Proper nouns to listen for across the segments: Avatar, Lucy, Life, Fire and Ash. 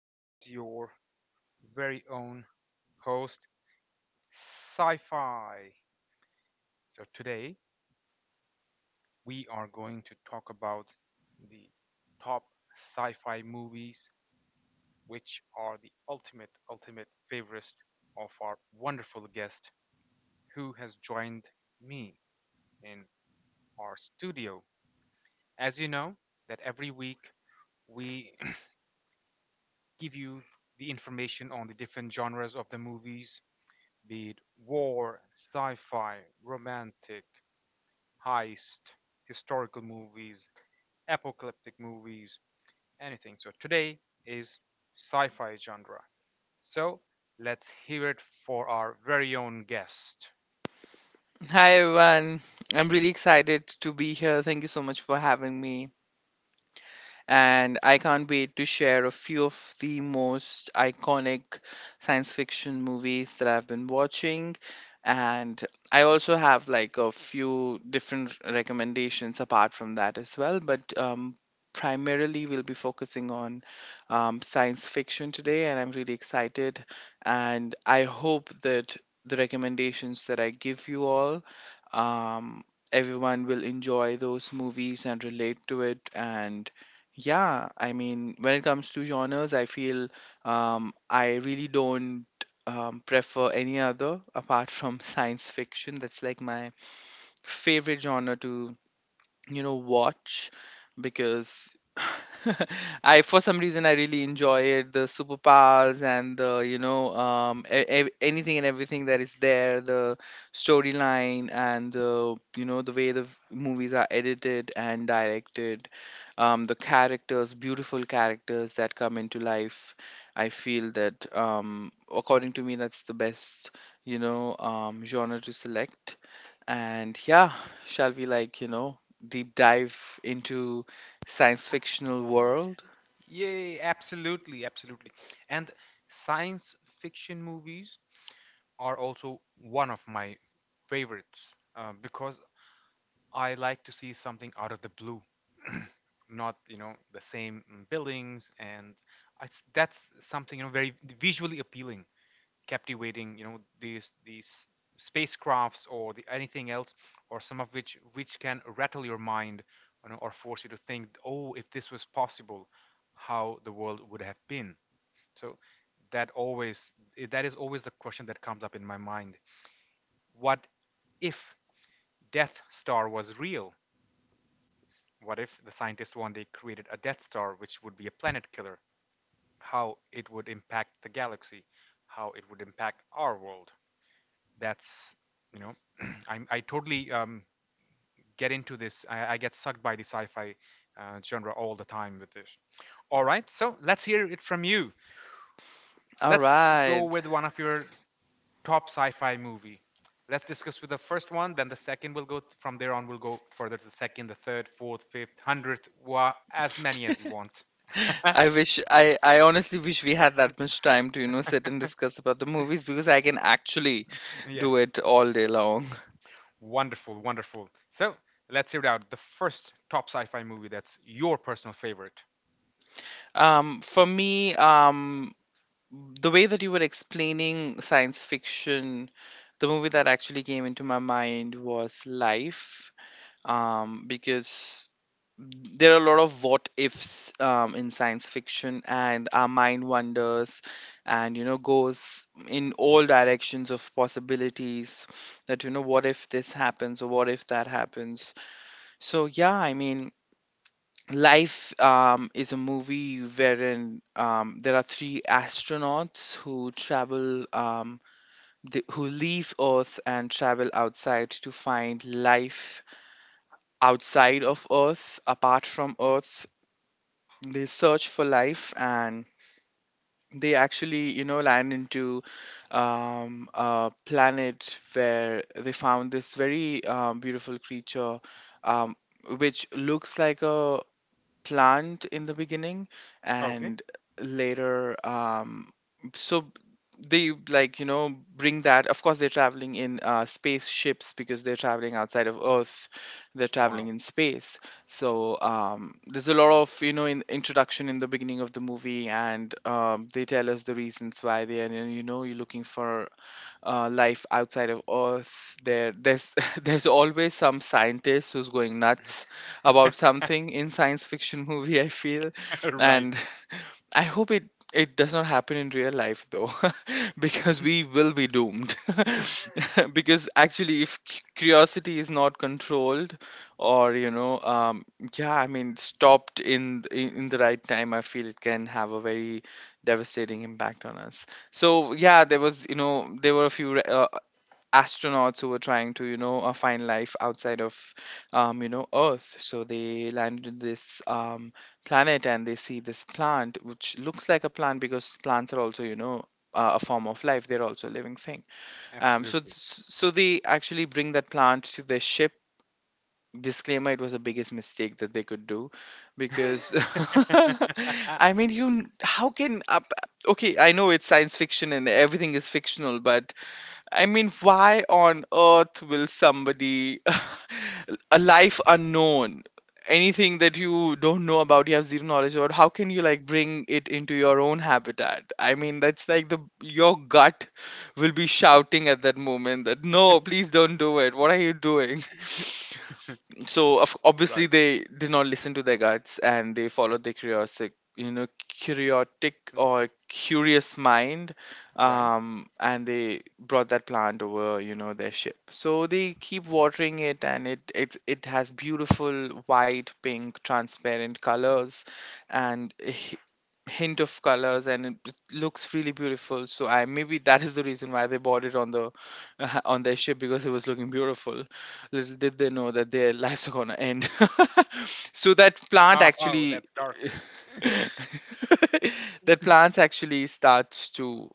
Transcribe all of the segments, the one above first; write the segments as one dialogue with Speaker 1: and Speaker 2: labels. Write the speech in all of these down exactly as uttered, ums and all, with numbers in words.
Speaker 1: This is your very own host, Sci Fi. So today we are going to talk about the top sci fi movies, which are the ultimate, ultimate favorites of our wonderful guest who has joined me in our studio. As you know, that every week we give you the information on the different genres of the movies, be it war, sci-fi, romantic, heist, historical movies, apocalyptic movies, anything. So today is sci-fi genre. So let's hear it for our very own guest.
Speaker 2: Hi everyone. I'm really excited to be here. Thank you so much for having me, and I can't wait to share a few of the most iconic science fiction movies that I've been watching. And I also have like a few different recommendations apart from that as well, but um, primarily we'll be focusing on um, science fiction today, and I'm really excited. And I hope that the recommendations that I give you all, um, everyone will enjoy those movies and relate to it. And yeah, I mean, when it comes to genres, I feel, um, I really don't um, prefer any other apart from science fiction. That's like my favorite genre to you know watch, because I for some reason I really enjoy it, the superpowers and the you know um e- ev- anything and everything that is there, the storyline, and the, you know the way the v- movies are edited and directed, um the characters beautiful characters that come into life. I feel that, um according to me, that's the best you know um genre to select. And yeah, shall we like, you know, deep dive into science fictional world?
Speaker 1: Yay, absolutely, absolutely. And science fiction movies are also one of my favorites uh, because I like to see something out of the blue, not you know the same mm, buildings, and I s that's something, you know, very visually appealing, captivating. You know, these these spacecrafts or the, anything else, or some of which which can rattle your mind, you know, or force you to think, oh, if this was possible, how the world would have been. So that always eh, that is always the question that comes up in my mind. What if Death Star was real? What if the scientists one day created a Death Star which would be a planet killer? How it would impact the galaxy? How it would impact our world? That's, you know, i I totally um, get into this. I, I get sucked by the sci fi uh, genre all the time with this. All right, so let's hear it from you.
Speaker 2: All
Speaker 1: Let's
Speaker 2: right.
Speaker 1: go with one of your top sci fi movie. Let's discuss with the first one, then the second will go from there on. We'll go further to the second, the third, fourth, fifth, hundredth, wa- as many as you want.
Speaker 2: I wish I I honestly wish we had that much time to, you know, sit and discuss about the movies, because I can actually
Speaker 1: Yeah,
Speaker 2: do it all day long.
Speaker 1: wonderful, wonderful. So let's hear it out. The first top sci-fi movie that's your personal favorite.
Speaker 2: Um, for me, um, the way that you were explaining science fiction, the movie that actually came into my mind was Life, um, because there are a lot of what ifs um, in science fiction, and our mind wanders and you know goes in all directions of possibilities, that you know what if this happens or what if that happens. So yeah, I mean, Life, um, is a movie wherein, um, there are three astronauts who travel, um, the, who leave Earth and travel outside to find life outside of Earth, apart from Earth. They search for life, and they actually you know land into, um, a planet where they found this very, um, beautiful creature, um, which looks like a planned in the beginning.
Speaker 1: Okay.
Speaker 2: And later, um so they like you know bring that. Of course, they're traveling in uh, spaceships, because they're traveling outside of Earth. They're traveling
Speaker 1: Wow.
Speaker 2: in space. So, um, there's a lot of you know in introduction in the beginning of the movie, and um, they tell us the reasons why they are, you know you're looking for uh, life outside of Earth. There, there's there's always some scientist who's going nuts about something in science fiction movie, I feel.
Speaker 1: Right.
Speaker 2: And I hope it it does not happen in real life though, because we will be doomed. Because actually, if cu- curiosity is not controlled, or you know, um, yeah, I mean, stopped in, th- in in the right time, I feel it can have a very devastating impact on us. So yeah, there was you know there were a few re- uh, astronauts who were trying to you know uh, find life outside of, um, you know Earth. So they landed in this, um, planet, and they see this plant which looks like a plant, because plants are also you know uh, a form of life. They're also a living thing, um, so th-
Speaker 1: Absolutely.
Speaker 2: so they actually bring that plant to their ship. Disclaimer: it was the biggest mistake that they could do, because I mean, you, how can, up, okay i know it's science fiction and everything is fictional, but I mean, why on earth will somebody a life unknown, anything that you don't know about, you have zero knowledge about, how can you like bring it into your own habitat? I mean, that's like the your gut will be shouting at that moment that no, please don't do it. What are you doing? So, of, obviously
Speaker 1: Right.
Speaker 2: they did not listen to their guts, and they followed their curiosity, you know curiotic or curious mind.
Speaker 1: Right.
Speaker 2: Um, and they brought that plant over, you know their ship. So they keep watering it, and it it, it has beautiful white, pink, transparent colors and h- hint of colors, and it it looks really beautiful. So I maybe that is the reason why they bought it on the on their ship, because it was looking beautiful. Little did they know that their lives are gonna end. So that plant
Speaker 1: Oh, oh,
Speaker 2: actually,
Speaker 1: that's dark.
Speaker 2: that plant actually starts to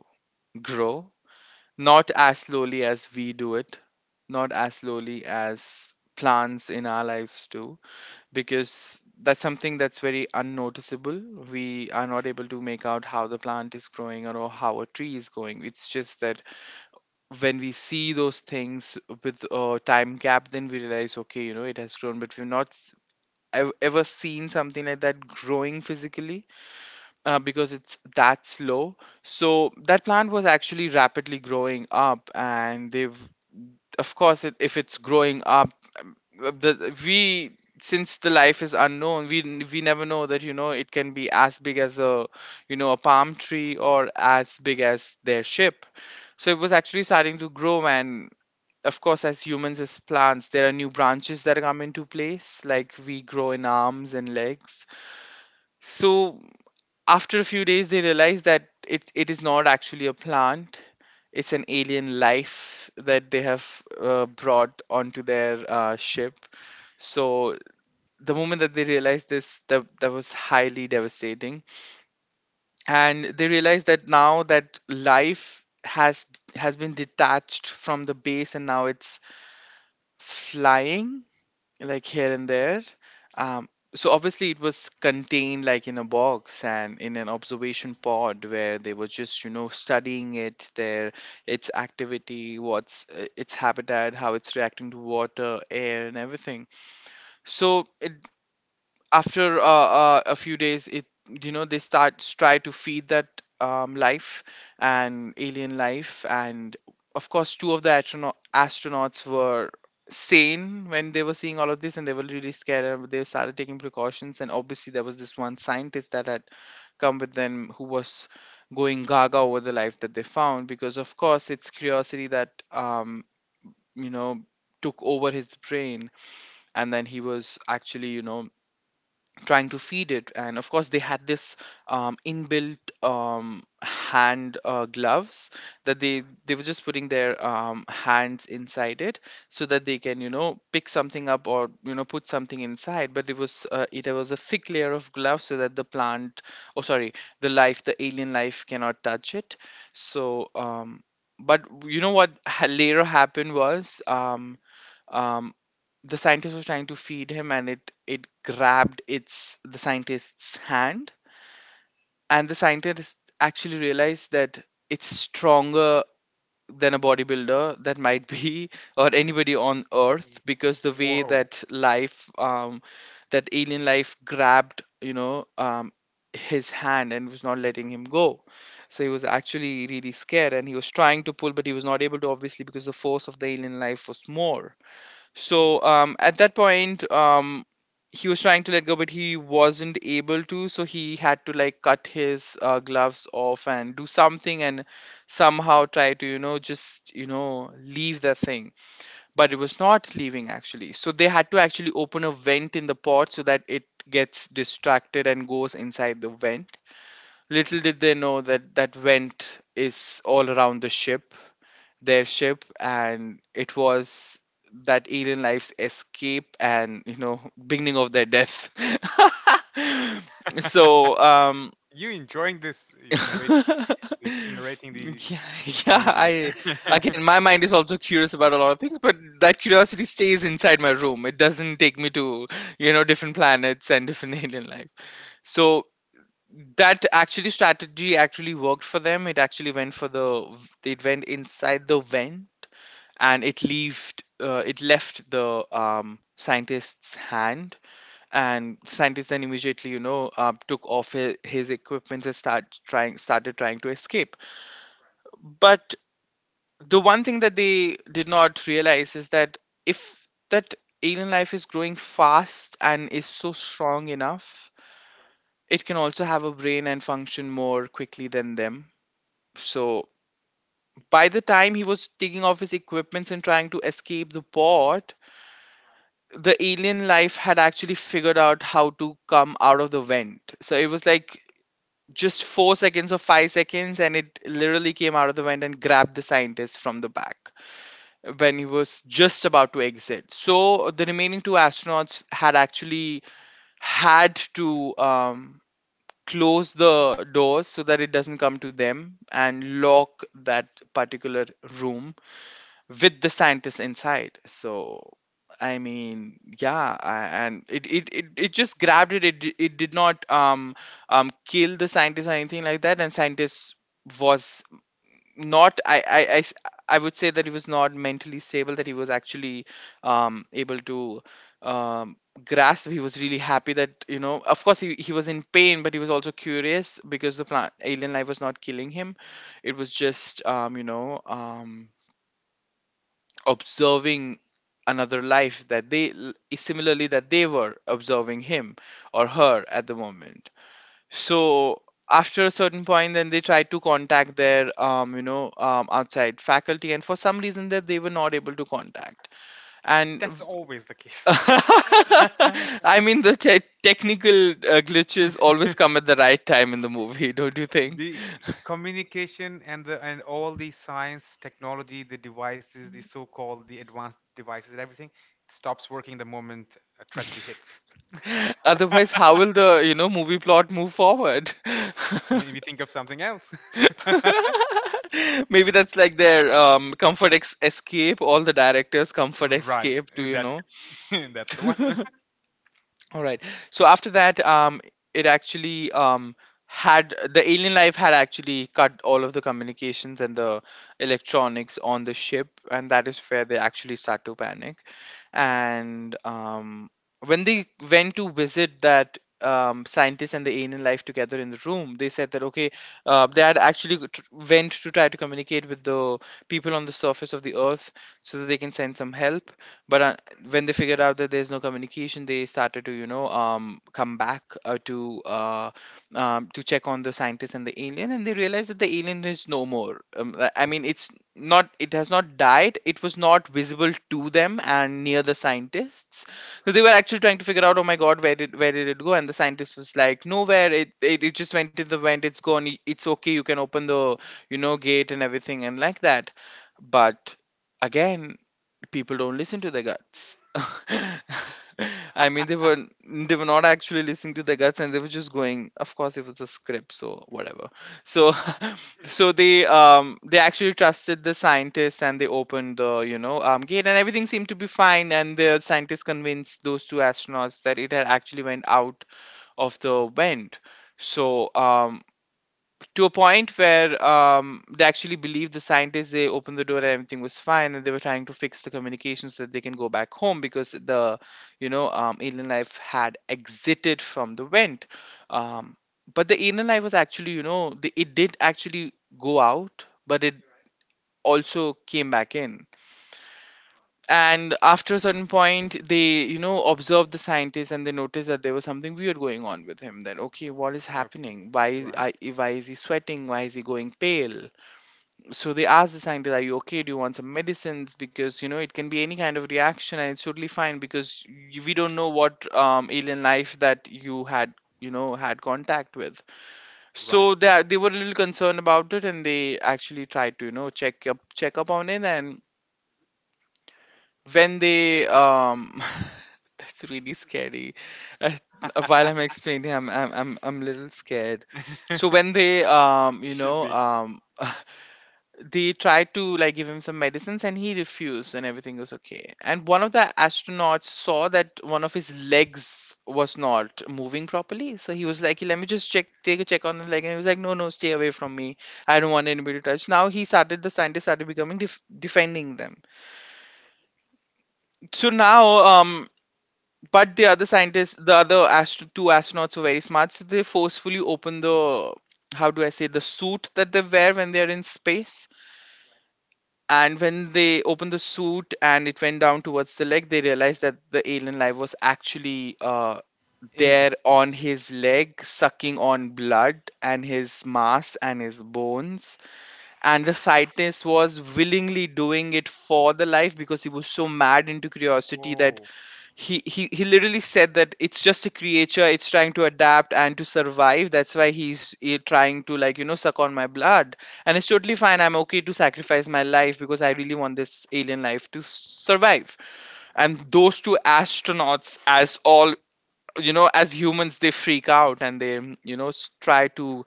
Speaker 2: grow, not as slowly as we do it, not as slowly as plants in our lives do, because that's something that's very unnoticeable. We are not able to make out how the plant is growing or how a tree is growing. It's just that when we see those things with a time gap, then we realize, okay, you know, it has grown, but we've not s- ev- ever seen something like that growing physically, uh, because it's that slow. So that plant was actually rapidly growing up, and they've, of course, it, if it's growing up, um, uh, the, we, since the life is unknown, we n- we never know that, you know, it can be as big as a you know a palm tree or as big as their ship. So it was actually starting to grow, man. Of course, as humans, as plants, there are new branches that come into place, like we grow in arms and legs. So after a few days, they realize that it, it is not actually a plant. It's an alien life that they have uh, brought onto their uh, ship. So the moment that they realized this, that, that was highly devastating. And they realized that now that life has has been detached from the base, and now it's flying like here and there. Um, so obviously it was contained like in a box and in an observation pod, where they were just you know studying it, their its activity, what's, uh, its habitat, how it's reacting to water, air, and everything. So it after, uh, uh, a few days, it you know they start try to feed that, um, life, and alien life. And of course, two of the astronaut- astronauts were sane when they were seeing all of this, and they were really scared, and they started taking precautions. And obviously, there was this one scientist that had come with them who was going gaga over the life that they found, because of course it's curiosity that, um, you know took over his brain. And then he was actually you know trying to feed it. And of course, they had this, um, inbuilt, um, hand, uh, gloves, that they they were just putting their, um, hands inside it so that they can you know pick something up or you know put something inside. But it was, uh, it was a thick layer of gloves so that the plant, oh, sorry, the life, the alien life cannot touch it. So, um, but you know what, ha- later happened was, um, um, the scientist was trying to feed him, and it it grabbed its the scientist's hand. And the scientist actually realized that it's stronger than a bodybuilder that might be or anybody on Earth, because the way
Speaker 1: Whoa.
Speaker 2: that life um that alien life grabbed, you know um his hand and was not letting him go. So he was actually really scared, and he was trying to pull, but he was not able to, obviously, because the force of the alien life was more. So, um, at that point, um, he was trying to let go, but he wasn't able to. So he had to like cut his, uh, gloves off and do something and somehow try to, you know, just, you know, leave the thing. But it was not leaving actually. So they had to actually open a vent in the pot so that it gets distracted and goes inside the vent. Little did they know that that vent is all around the ship their ship and it was that alien life's escape and, you know, beginning of their death. so um
Speaker 1: You enjoying this? You know, narrating
Speaker 2: yeah,
Speaker 1: this, narrating the
Speaker 2: yeah
Speaker 1: movie.
Speaker 2: i again, my mind is also curious about a lot of things, but that curiosity stays inside my room. It doesn't take me to, you know, different planets and different alien life. So that actually strategy actually worked for them. It actually went for the They went inside the vent, and it left uh, it left the um, scientist's hand. And scientist then immediately, you know, uh, took off his, his equipment and start trying started trying to escape. But the one thing that they did not realize is that if that alien life is growing fast and is so strong enough, it can also have a brain and function more quickly than them. So by the time he was taking off his equipments and trying to escape the pod, the alien life had actually figured out how to come out of the vent. So it was like just four seconds or five seconds, and it literally came out of the vent and grabbed the scientist from the back when he was just about to exit. So the remaining two astronauts had actually had to um, close the doors so that it doesn't come to them, and lock that particular room with the scientists inside. So I mean, yeah, I, and it, it, it, it just grabbed it. It, di- it did not um, um, kill the scientist or anything like that. And scientist was not I, I, I s- I would say that he was not mentally stable, that he was actually um, able to um, grasp. He was really happy that, you know, of course he, he was in pain, but he was also curious because the plant alien life was not killing him. It was just um, you know, um, observing another life that they similarly that they were observing him or her at the moment. So after a certain point, then they tried to contact their um, you know, um, outside faculty, and for some reason that they were not able to contact. And
Speaker 1: That's always the case.
Speaker 2: I mean, the te- technical uh, glitches always come at the right time in the movie, don't you think?
Speaker 1: The communication and the and all the science technology, the devices, the so-called the advanced devices, and everything, it stops working the moment a tragedy hits.
Speaker 2: Otherwise, how will the, you know, movie plot move forward?
Speaker 1: Maybe think of something else.
Speaker 2: Maybe that's like their um, comfort ex- escape. All the directors' comfort
Speaker 1: Right.
Speaker 2: escape to,
Speaker 1: Uh,
Speaker 2: you
Speaker 1: that.
Speaker 2: know.
Speaker 1: That's the one.
Speaker 2: All right. So after that, um, it actually um had the alien life had actually cut all of the communications and the electronics on the ship, and that is where they actually start to panic. And um, when they went to visit that. Um, scientist and the alien life together in the room, they said that okay, uh, they had actually go- tr- went to try to communicate with the people on the surface of the earth so that they can send some help. But uh, when they figured out that there's no communication, they started to, you know, um, come back uh, to uh, um, to check on the scientist and the alien, and they realized that the alien is no more. um, i I mean, it's not, it has not died, it was not visible to them and near the scientists. So they were actually trying to figure out, oh my god, where did where did it go? And the scientist was like, nowhere, it it, it just went to the vent, it's gone, y- it's okay, you can open the, you know, gate and everything, and like that. But again, people don't listen to their guts. I mean, they were, they were not actually listening to their guts, and they were just going. Of course, it was a script, so whatever. So, so they um they actually trusted the scientists, and they opened the, you know, um gate, and everything seemed to be fine. And the scientists convinced those two astronauts that it had actually went out of the vent. So um to a point where um, they actually believed the scientists, they opened the door, and everything was fine, and they were trying to fix the communications so that they can go back home, because the, you know, um, alien life had exited from the vent. um, but the alien life was actually, you know, the, it did actually go out, but it also came back in. And after a certain point, they, you know, observed the scientist, and they noticed that there was something weird going on with him, that okay, what is
Speaker 1: Okay.
Speaker 2: happening, why is,
Speaker 1: Right,
Speaker 2: I, why is he sweating, why is he going pale. So they asked the scientist, are you okay, do you want some medicines? Because you know, it can be any kind of reaction, and it's totally fine, because y- we don't know what um, alien life that you had, you know, had contact with.
Speaker 1: right.
Speaker 2: So they, they were a little concerned about it, and they actually tried to, you know, check up check up on it. And when they um that's really scary. uh, while I'm explaining, I'm, I'm i'm i'm a little scared. So when they um you
Speaker 1: Should
Speaker 2: know
Speaker 1: be
Speaker 2: um they tried to like give him some medicines, and he refused, and everything was okay. And one of the astronauts saw that one of his legs was not moving properly. So he was like, "Hey, let me just check take a check on the leg." And he was like, no, no, stay away from me, I don't want anybody to touch. Now he started, the scientist started becoming def- defending them. So now, um but the other scientists, the other astro- two astronauts were very smart. So they forcefully open the, how do I say, the suit that they wear when they're in space. And when they opened the suit and it went down towards the leg, they realized that the alien life was actually uh,
Speaker 1: in
Speaker 2: there
Speaker 1: this.
Speaker 2: on his leg, sucking on blood and his mass and his bones. And the scientist was willingly doing it for the life, because he was so mad into curiosity that
Speaker 1: Whoa.
Speaker 2: he, he he literally said that it's just a creature, it's trying to adapt and to survive, that's why he's eh, trying to like, you know, suck on my blood, and it's totally fine, I'm okay to sacrifice my life because I really want this alien life to s- survive. And those two astronauts, as all, you know, as humans, they freak out, and they, you know, s- try to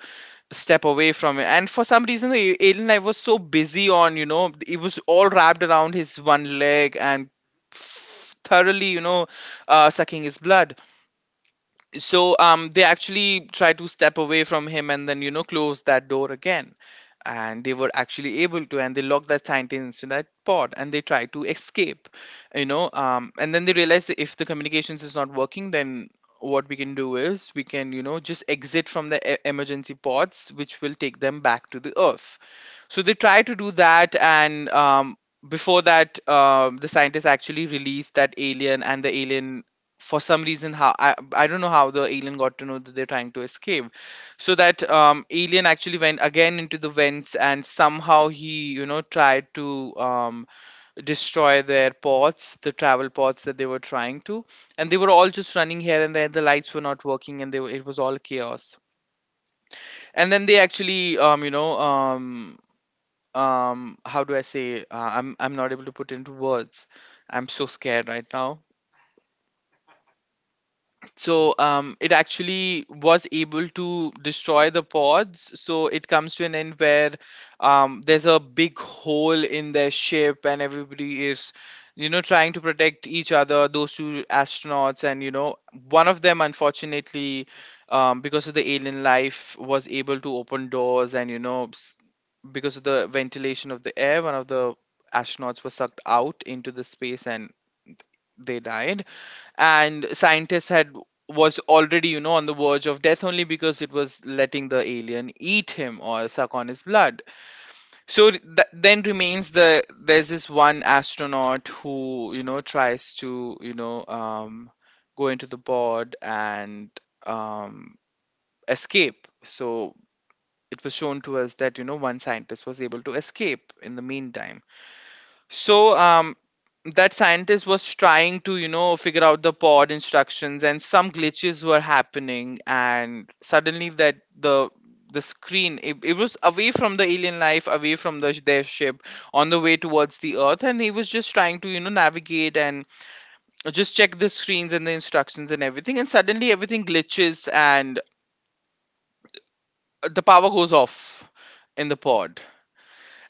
Speaker 2: step away from it. And for some reason, the alien life was so busy on, you know, it was all wrapped around his one leg and thoroughly, you know, uh, sucking his blood. So um they actually try to step away from him, and then, you know, close that door again. And they were actually able to, and they locked that scientist in that pod, and they try to escape, you know, um and then they realize that if the communications is not working, then what we can do is we can, you know, just exit from the e- emergency pods, which will take them back to the earth. So they try to do that. And um before that, um the scientists actually released that alien, and the alien, for some reason, how, I, I don't know how the alien got to know that they're trying to escape. So that um, alien actually went again into the vents, and somehow he, you know, tried to um, destroy their pods, the travel pods that they were trying to. And they were all just running here and there, the lights were not working, and they were, it was all chaos. And then they actually um, you know, um, um, how do I say, uh, i'm i'm not able to put into words. I'm so scared right now. So um, it actually was able to destroy the pods. So it comes to an end where um, there's a big hole in their ship, and everybody is, you know, trying to protect each other. Those two astronauts, and you know, one of them, unfortunately, um, because of the alien life, was able to open doors, and you know, s- because of the ventilation of the air, one of the astronauts was sucked out into the space, and they died. And scientists had, was already, you know, on the verge of death only because it was letting the alien eat him or suck on his blood. So th- then remains the, there's this one astronaut who, you know, tries to, you know, um go into the pod and um escape. So it was shown to us that, you know, one scientist was able to escape in the meantime. So um that scientist was trying to, you know, figure out the pod instructions, and some glitches were happening. And suddenly that the the screen, it, it was away from the alien life, away from the their ship, on the way towards the earth. And he was just trying to, you know, navigate and just check the screens and the instructions and everything. And suddenly everything glitches and the power goes off in the pod.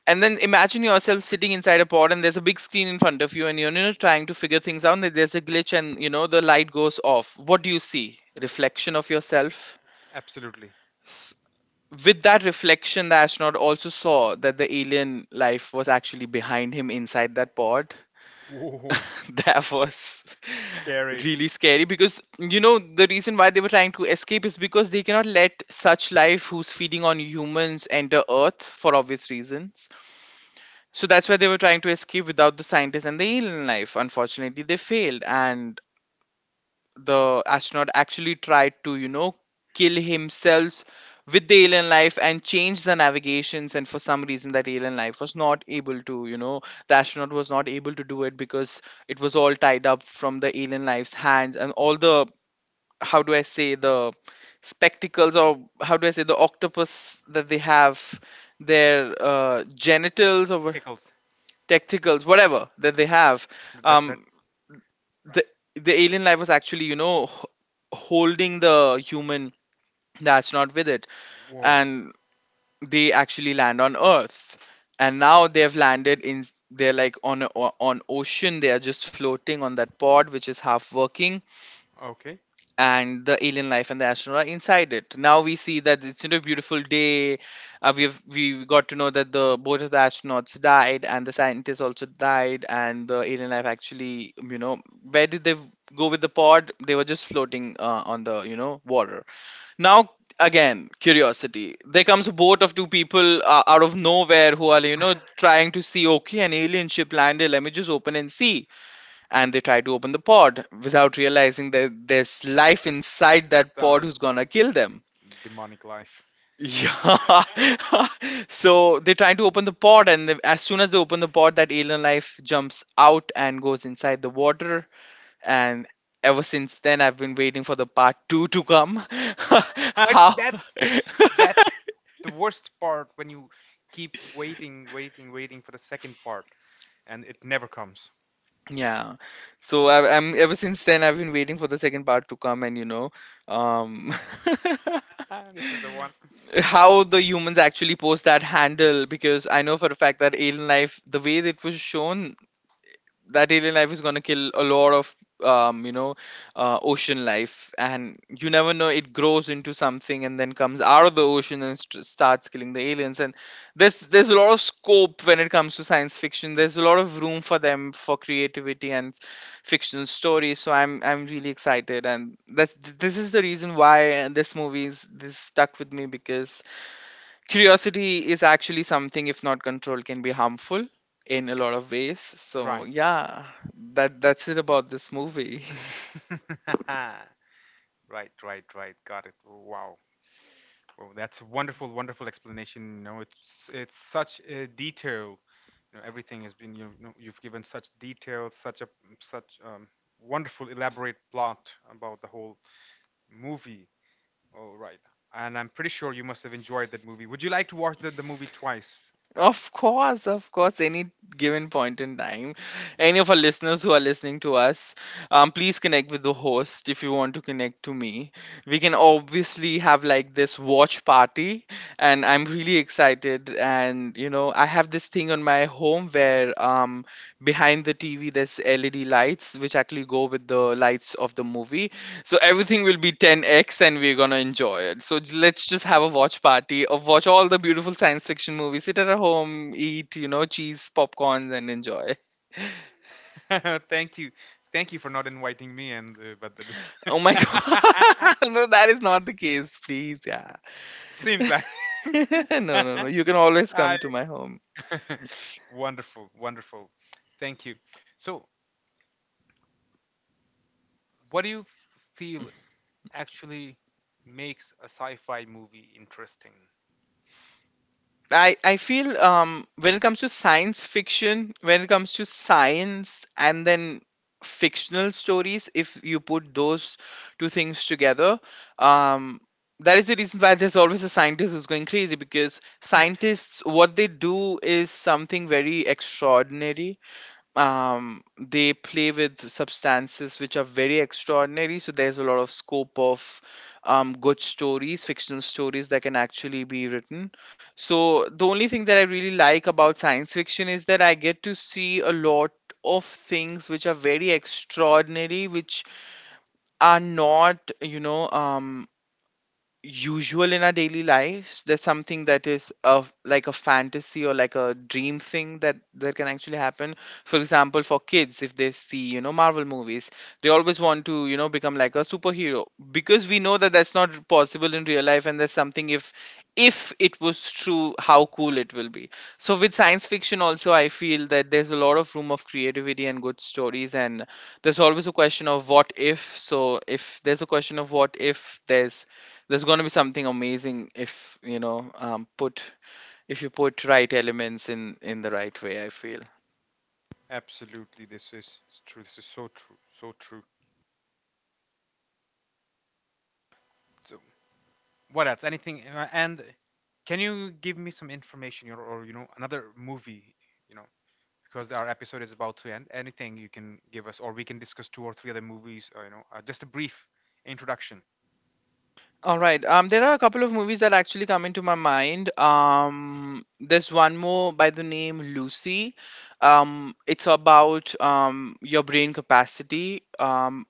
Speaker 2: And then imagine yourself sitting inside a pod, and there's a big screen in front of you, and you're, you know, trying to figure things out, and there's a glitch, and you know the light goes off, what do you see? Reflection of yourself.
Speaker 1: Absolutely.
Speaker 2: S- with that reflection, the astronaut also saw that the alien life was actually behind him inside that pod.
Speaker 1: Whoa.
Speaker 2: That was
Speaker 1: Scary.
Speaker 2: really scary, because you know the reason why they were trying to escape is because they cannot let such life who's feeding on humans enter earth for obvious reasons. So that's why they were trying to escape without the scientist and the alien life. Unfortunately, they failed, and the astronaut actually tried to you know, kill himself with the alien life and change the navigations. And for some reason, that alien life was not able to, you know, the astronaut was not able to do it because it was all tied up from the alien life's hands and all the, how do I say, the spectacles or how do I say, the octopus that they have their uh, genitals or
Speaker 1: Tickles.
Speaker 2: tacticals, whatever that they have.
Speaker 1: That that
Speaker 2: Um, the the alien life was actually, you know, h- holding the human that's not with it,
Speaker 1: Whoa.
Speaker 2: and they actually land on Earth. And now they have landed in. They're like on a, on ocean. They are just floating on that pod, which is half working,
Speaker 1: Okay.
Speaker 2: and the alien life and the astronaut are inside it. Now we see that it's, you know, a beautiful day. Uh, we've we got to know that the both of the astronauts died and the scientists also died, and the alien life, actually, you know, where did they go with the pod? They were just floating uh, on the, you know, water. Now again, curiosity. There comes a boat of two people uh, out of nowhere who are, you know, trying to see, okay, an alien ship landed, let me just open and see, and they try to open the pod without realizing that there's life inside that pod
Speaker 1: So
Speaker 2: who's gonna kill them.
Speaker 1: demonic life.
Speaker 2: Yeah. So they try to open the pod, and they- as soon as they open the pod, that alien life jumps out and goes inside the water. And ever since then, I've been waiting for the part two to come.
Speaker 1: But
Speaker 2: How?
Speaker 1: that's that's the worst part when you keep waiting, waiting, waiting for the second part, and it never comes.
Speaker 2: Yeah. So I, I'm ever since then I've been waiting for the second part to come, and you know, um,
Speaker 1: Ah, this is the one.
Speaker 2: how the humans actually post that handle, because I know for a fact that alien life, the way that it was shown, that alien life is gonna kill a lot of um, you know, uh, ocean life, and you never know, it grows into something and then comes out of the ocean and st- starts killing the aliens. And there's there's a lot of scope when it comes to science fiction. There's a lot of room for them for creativity and fictional stories. So I'm I'm really excited, and that's this is the reason why uh, this movie is this stuck with me, because curiosity is actually something, if not controlled, can be harmful in a lot of ways. So
Speaker 1: Right.
Speaker 2: yeah, that that's it about this movie.
Speaker 1: Right, right, right. Got it. Wow. Well, that's a wonderful, wonderful explanation. You know, it's it's such a detail. You know, everything has been, you know, you've given such details, such a such um, wonderful, elaborate plot about the whole movie. Oh, right. And I'm pretty sure you must have enjoyed that movie. Would you like to watch the, the movie twice?
Speaker 2: Of course, of course, any given point in time. Any of our listeners who are listening to us, um, please connect with the host if you want to connect to me. We can obviously have like this watch party, and I'm really excited. And you know, I have this thing on my home where um, behind the T V there's L E D lights which actually go with the lights of the movie, so everything will be ten x and we're gonna enjoy it. So j- let's just have a watch party of watch all the beautiful science fiction movies, sit at our home, eat, you know, cheese, popcorns, and enjoy.
Speaker 1: Thank you. Thank you for not inviting me and uh, but the list.
Speaker 2: Oh my god. No, that is not the case, please. Yeah.
Speaker 1: Seems like.
Speaker 2: No, no, no. You can always
Speaker 1: I,
Speaker 2: come to my home.
Speaker 1: wonderful, wonderful. Thank you. So, what do you f- feel actually makes a sci-fi movie interesting?
Speaker 2: I, I feel, um, when it comes to science fiction, when it comes to science and then fictional stories, if you put those two things together, um, that is the reason why there's always a scientist who's going crazy, because scientists, what they do is something very extraordinary. um, they play with substances which are very extraordinary. So there's a lot of scope of um, good stories, fictional stories that can actually be written. So the only thing that I really like about science fiction is that I get to see a lot of things which are very extraordinary, which are not, you know, um, usual in our daily lives. There's something that is of like a fantasy or like a dream thing that that can actually happen. For example, for kids, if they see, you know, Marvel movies, they always want to, you know, become like a superhero, because we know that that's not possible in real life, and there's something, if if it was true, how cool it will be. So with science fiction also, I feel that there's a lot of room of creativity and good stories, and there's always a question of what if. So if there's a question of what if, there's there's going to be something amazing if, you know, um, put if you put right elements in in the right way. I feel.
Speaker 1: Absolutely, this is true. This is so true, so true. So, what else? Anything? uh, And can you give me some information, or, or you know, another movie? You know, because our episode is about to end. Anything you can give us, or we can discuss two or three other movies. Uh, you know, uh, just a brief introduction.
Speaker 2: All right. Um, there are a couple of movies that actually come into my mind. Um, there's one more by the name Lucy. Um, it's about um, your brain capacity, um,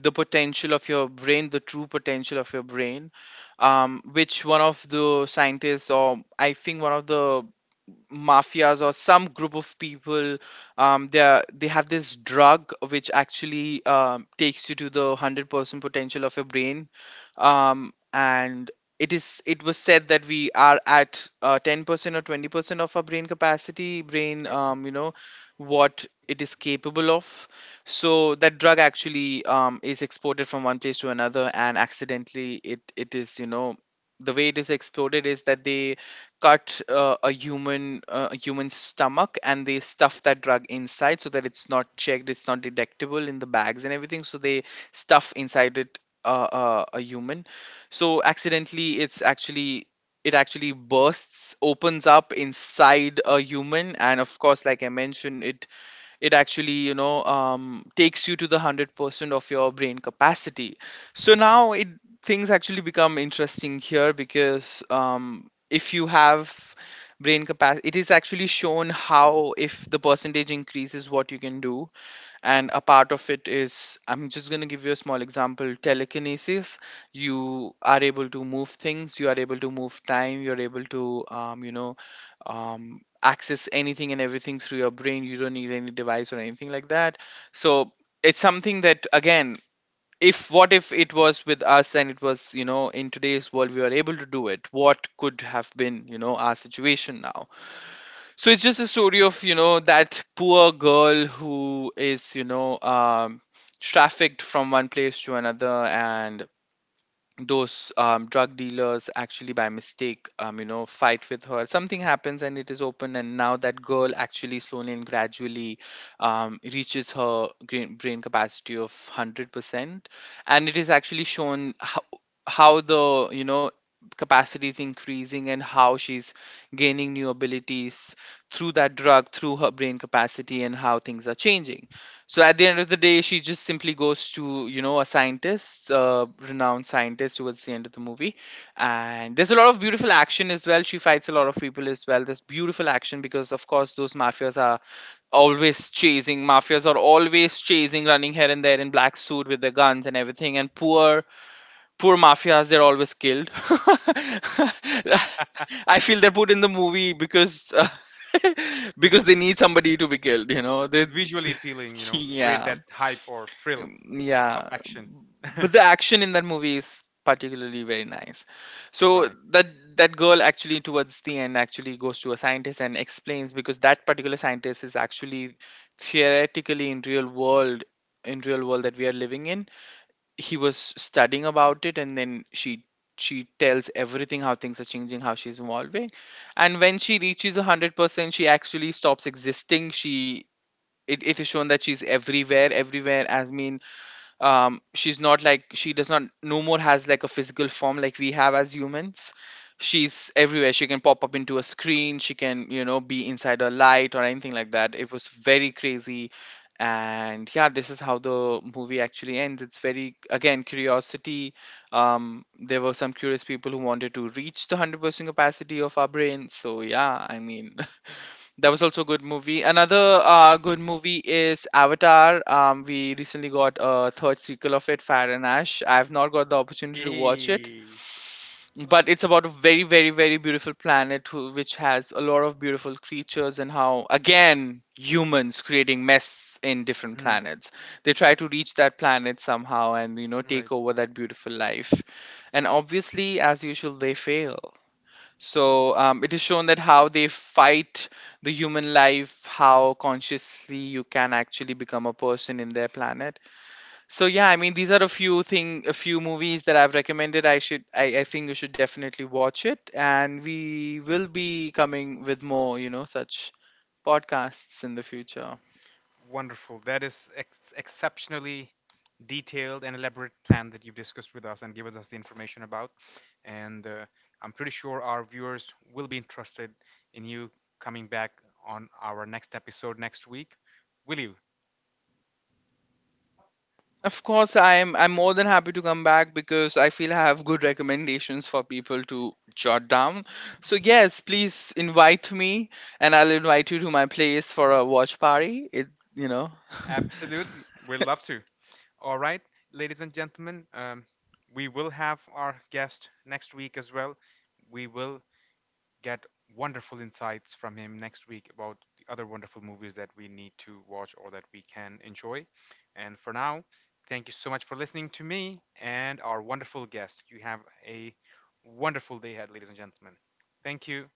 Speaker 2: the potential of your brain, the true potential of your brain, um, which one of the scientists, or I think one of the mafias or some group of people, um, they are, they have this drug which actually um, takes you to the one hundred percent potential of your brain. Um, and it is it was said that we are at uh, ten percent or twenty percent of our brain capacity, brain,
Speaker 1: Okay.
Speaker 2: um, you know, what it is capable of. So that drug actually, um, is exported from one place to another, and accidentally it it is, you know, the way it is exploded is that they cut uh, a human uh, a human stomach, and they stuff that drug inside so that it's not checked, it's not detectable in the bags and everything. So they stuff inside it uh, uh, a human. So accidentally it's actually, it actually bursts opens up inside a human, and of course, like I mentioned, it it actually, you know, um, takes you to the one hundred percent of your brain capacity. So now, it things actually become interesting here, because um, if you have brain capacity, it is actually shown how, if the percentage increases, what you can do. And a part of it is, I'm just going to give you a small example: telekinesis. You are able to move things, you are able to move time, you're able to, um, you know um, access anything and everything through your brain. You don't need any device or anything like that. So it's something that again, if, what if it was with us and it was, you know, in today's world, we were able to do it, what could have been, you know, our situation now. So it's just a story of, you know, that poor girl who is, you know, um, trafficked from one place to another, and those um, drug dealers actually, by mistake, um, you know, fight with her, something happens and it is open, and now that girl actually slowly and gradually, um, reaches her brain, brain capacity of one hundred percent. And it is actually shown how, how the, you know, capacity is increasing and how she's gaining new abilities through that drug, through her brain capacity, and how things are changing. So at the end of the day, she just simply goes to, you know, a scientist, a renowned scientist, towards the end of the movie, and there's a lot of beautiful action as well. She fights a lot of people as well. There's beautiful action, because of course those mafias are always chasing. Mafias are always chasing, running here and there in black suit with their guns and everything. And poor poor mafias, they're always killed. I feel they're put in the movie because uh,
Speaker 1: This
Speaker 2: because they need somebody to be killed. You
Speaker 1: uh,
Speaker 2: know they.
Speaker 1: visually appealing. You know, create
Speaker 2: Yeah.
Speaker 1: that hype or thrill
Speaker 2: um,
Speaker 1: of
Speaker 2: yeah,
Speaker 1: action.
Speaker 2: but the action in that movie is particularly very nice. So
Speaker 1: Right.
Speaker 2: that, that girl actually towards the end actually goes to a scientist and explains, because that particular scientist is actually theoretically in real world, in real world that we are living in, he was studying about it. And then she she tells everything, how things are changing, how she's evolving. And when she reaches one hundred percent, she actually stops existing. She it, it is shown that she's everywhere, everywhere as mean. um she's not like, she does not no more has like a physical form like we have as humans. She's everywhere, she can pop up into a screen, she can, you know, be inside a light or anything like that. It was very crazy. And yeah, this is how the movie actually ends. It's very, again, curiosity. um there were some curious people who wanted to reach the one hundred percent capacity of our brains. So yeah, I mean, that was also a good movie. Another uh, good movie is Avatar. Um, we recently got a third sequel of it, Fire and Ash. I've not got the opportunity to watch it,
Speaker 1: Yay.
Speaker 2: but it's about a very, very, very beautiful planet who, which has a lot of beautiful creatures, and how, again, humans creating mess in different
Speaker 1: Mhm.
Speaker 2: planets. They try to reach that planet somehow and, you know,
Speaker 1: Right.
Speaker 2: take over that beautiful life. And obviously, as usual, they fail. So um, it is shown that how they fight the human life, how consciously you can actually become a person in their planet. So yeah, I mean, these are a few thing, a few movies that I've recommended. I should, I, I think you should definitely watch it, and we will be coming with more, you know, such podcasts in the future.
Speaker 1: Wonderful. That is ex- exceptionally detailed and elaborate plan that you've discussed with us and given us the information about. And uh, I'm pretty sure our viewers will be interested in you coming back on our next episode next week. Will you?
Speaker 2: Of course, I'm I'm more than happy to come back, because I feel I have good recommendations for people to jot down. So yes, please invite me, and I'll invite you to my place for a watch party. It you know.
Speaker 1: Absolutely. We'd love to. All right, ladies and gentlemen, um, we will have our guest next week as well. We will get wonderful insights from him next week about the other wonderful movies that we need to watch or that we can enjoy. And for now, thank you so much for listening to me and our wonderful guest. You have a wonderful day ahead, ladies and gentlemen. Thank you.